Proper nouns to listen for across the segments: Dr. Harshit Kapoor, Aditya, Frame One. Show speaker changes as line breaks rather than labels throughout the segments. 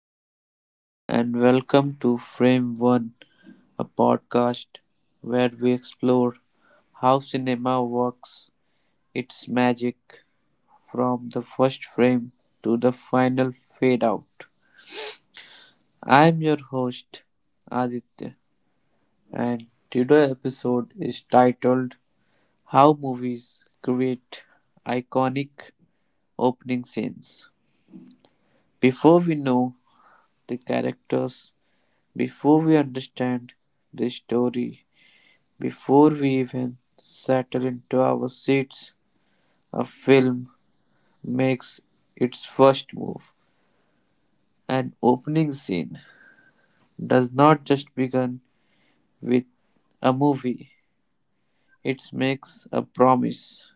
Everyone, and welcome to Frame One, a podcast where we explore how cinema works its magic from the first frame to the final fade out. I'm your host, Aditya, and today's episode is titled How Movies Create Iconic Opening Scenes. Before we know the characters. Before we understand the story, before we even settle into our seats, a film makes its first move. An opening scene does not just begin with a movie, it makes a promise.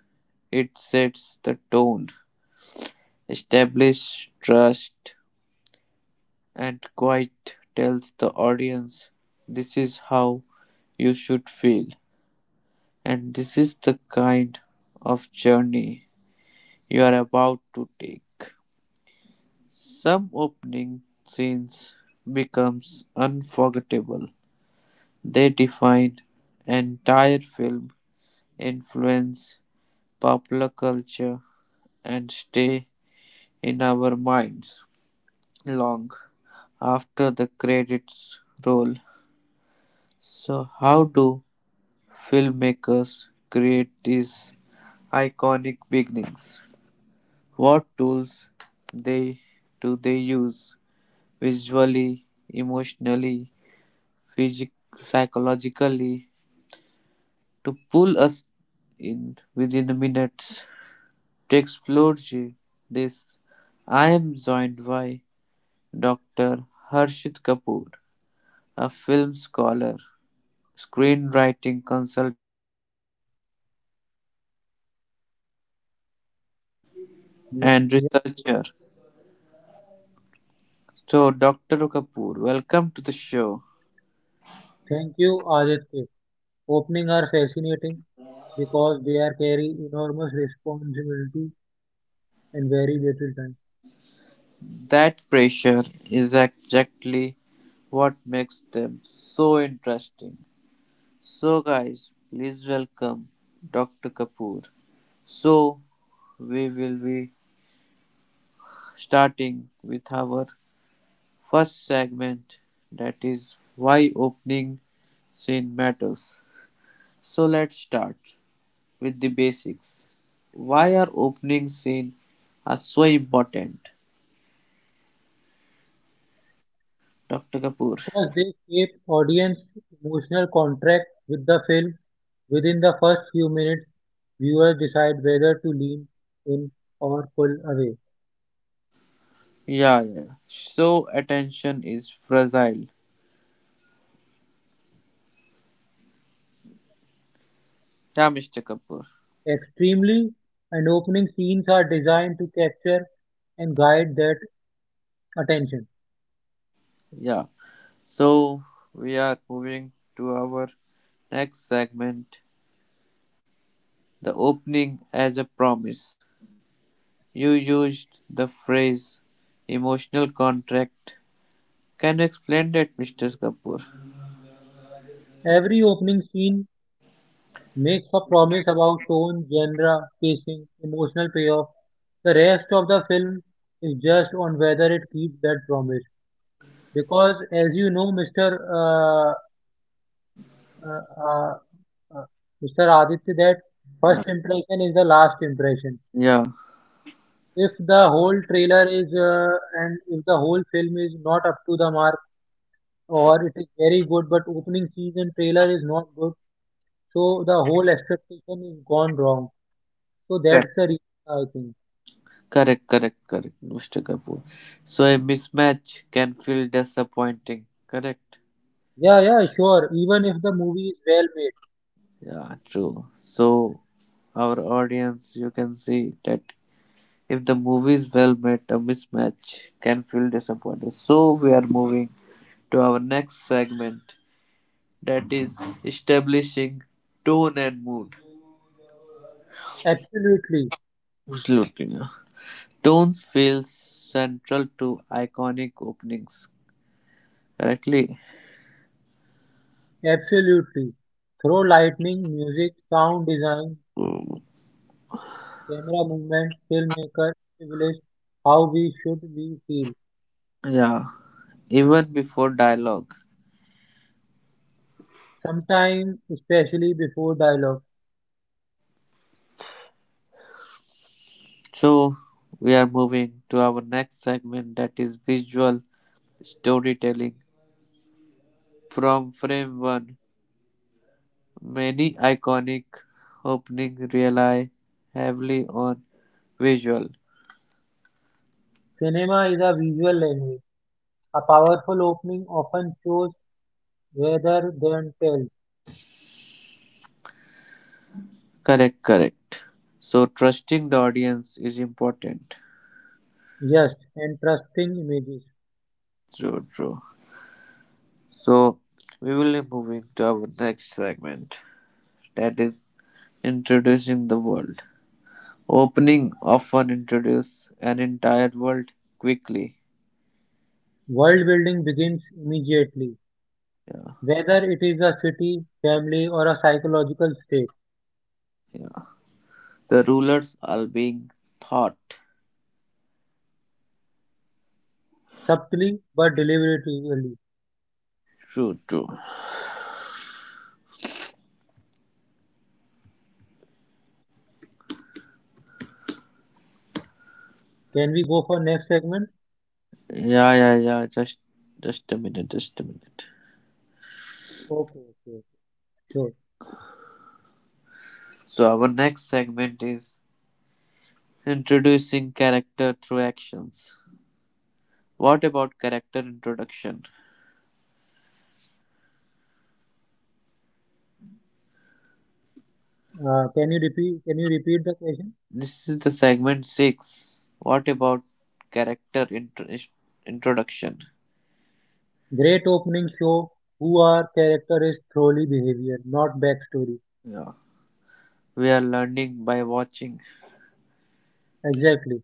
It sets the tone, establishes trust, and quite tells the audience this is how you should feel. And this is the kind of journey you are about to take. Some opening scenes becomes unforgettable. They define entire film, influence popular culture and stay in our minds long after the credits roll. So how do filmmakers create these iconic beginnings? What tools they do they use visually, emotionally, psychologically to pull us in within minutes to explore this. I am joined by Dr. Harshit Kapoor, a film scholar, screenwriting consultant,
Ye-
and
ye-
researcher. So, Dr. Kapoor, welcome to the show.
Thank you, Aditya. Opening are fascinating because they are carry enormous responsibility and very little time.
That pressure is exactly what makes them so interesting. So, guys, please welcome Dr. Kapoor. So, we will be starting with our first segment, that is why opening scene matters. So, let's start with the basics. Why are opening scene are so important, Dr. Kapoor?
Because they shape audience emotional contract with the film. Within the first few minutes, viewers decide whether to lean in or pull away.
Yeah, yeah, so attention is fragile. Yeah, Mr. Kapoor.
Extremely and opening scenes are designed to capture and guide that attention.
Yeah. So we are moving to our next segment, the opening as a promise. You used the phrase emotional contract. Can you explain that, Mr. Kapoor?
Every opening scene makes a promise about tone, genre, pacing, emotional payoff. The rest of the film is just on whether it keeps that promise. Because, as you know, Mr. Uh, uh, uh, uh, Mr. Aditya, that
Yeah.
first impression is the last impression.
Yeah.
If the whole trailer is and if the whole film is not up to the mark, or it is very good, but opening season trailer is not good, so the whole expectation is gone wrong. So that's
Correct.
the reason I think.
Correct, correct, correct, Mr. Kapoor. So a mismatch can feel disappointing. Correct.
Yeah, yeah, sure. Even if the movie is well made.
Yeah, true. So, our audience, you can see that if the movie is well made, a mismatch can feel disappointed. So we are moving to our next segment, that is establishing tone and mood.
Absolutely,
Absolutely. Tones feels central to iconic openings, correctly?
absolutely. Through lightning, music, sound design, camera movement, filmmaker, privilege, how we should we feel.
Yeah, even before dialogue.
Sometimes, especially before dialogue,
So we are moving to our next segment, that is visual storytelling. From frame one, many iconic openings rely heavily on visual.
cinema is a visual language. A powerful opening often shows rather than tells.
Correct, correct. So trusting the audience is important.
Yes, and trusting images.
True, true. So we will be moving to our next segment, that is introducing the world. Opening often introduce an entire world quickly.
World building begins immediately,
Yeah,
whether it is a city, family, or a psychological state.
yeah. The rulers are being thought.
Subtly but deliberately.
True, true.
Can we go for next segment?
Yeah, yeah, yeah. Just a minute. Just a minute.
Okay, okay, okay. Sure.
So, our next segment is introducing character through actions. What about character introduction?
Can you repeat the question?
This is the segment 6. What about character introduction?
Great opening show. Who are character is thoroughly behavior, not backstory.
Yeah. We are learning by watching
Exactly.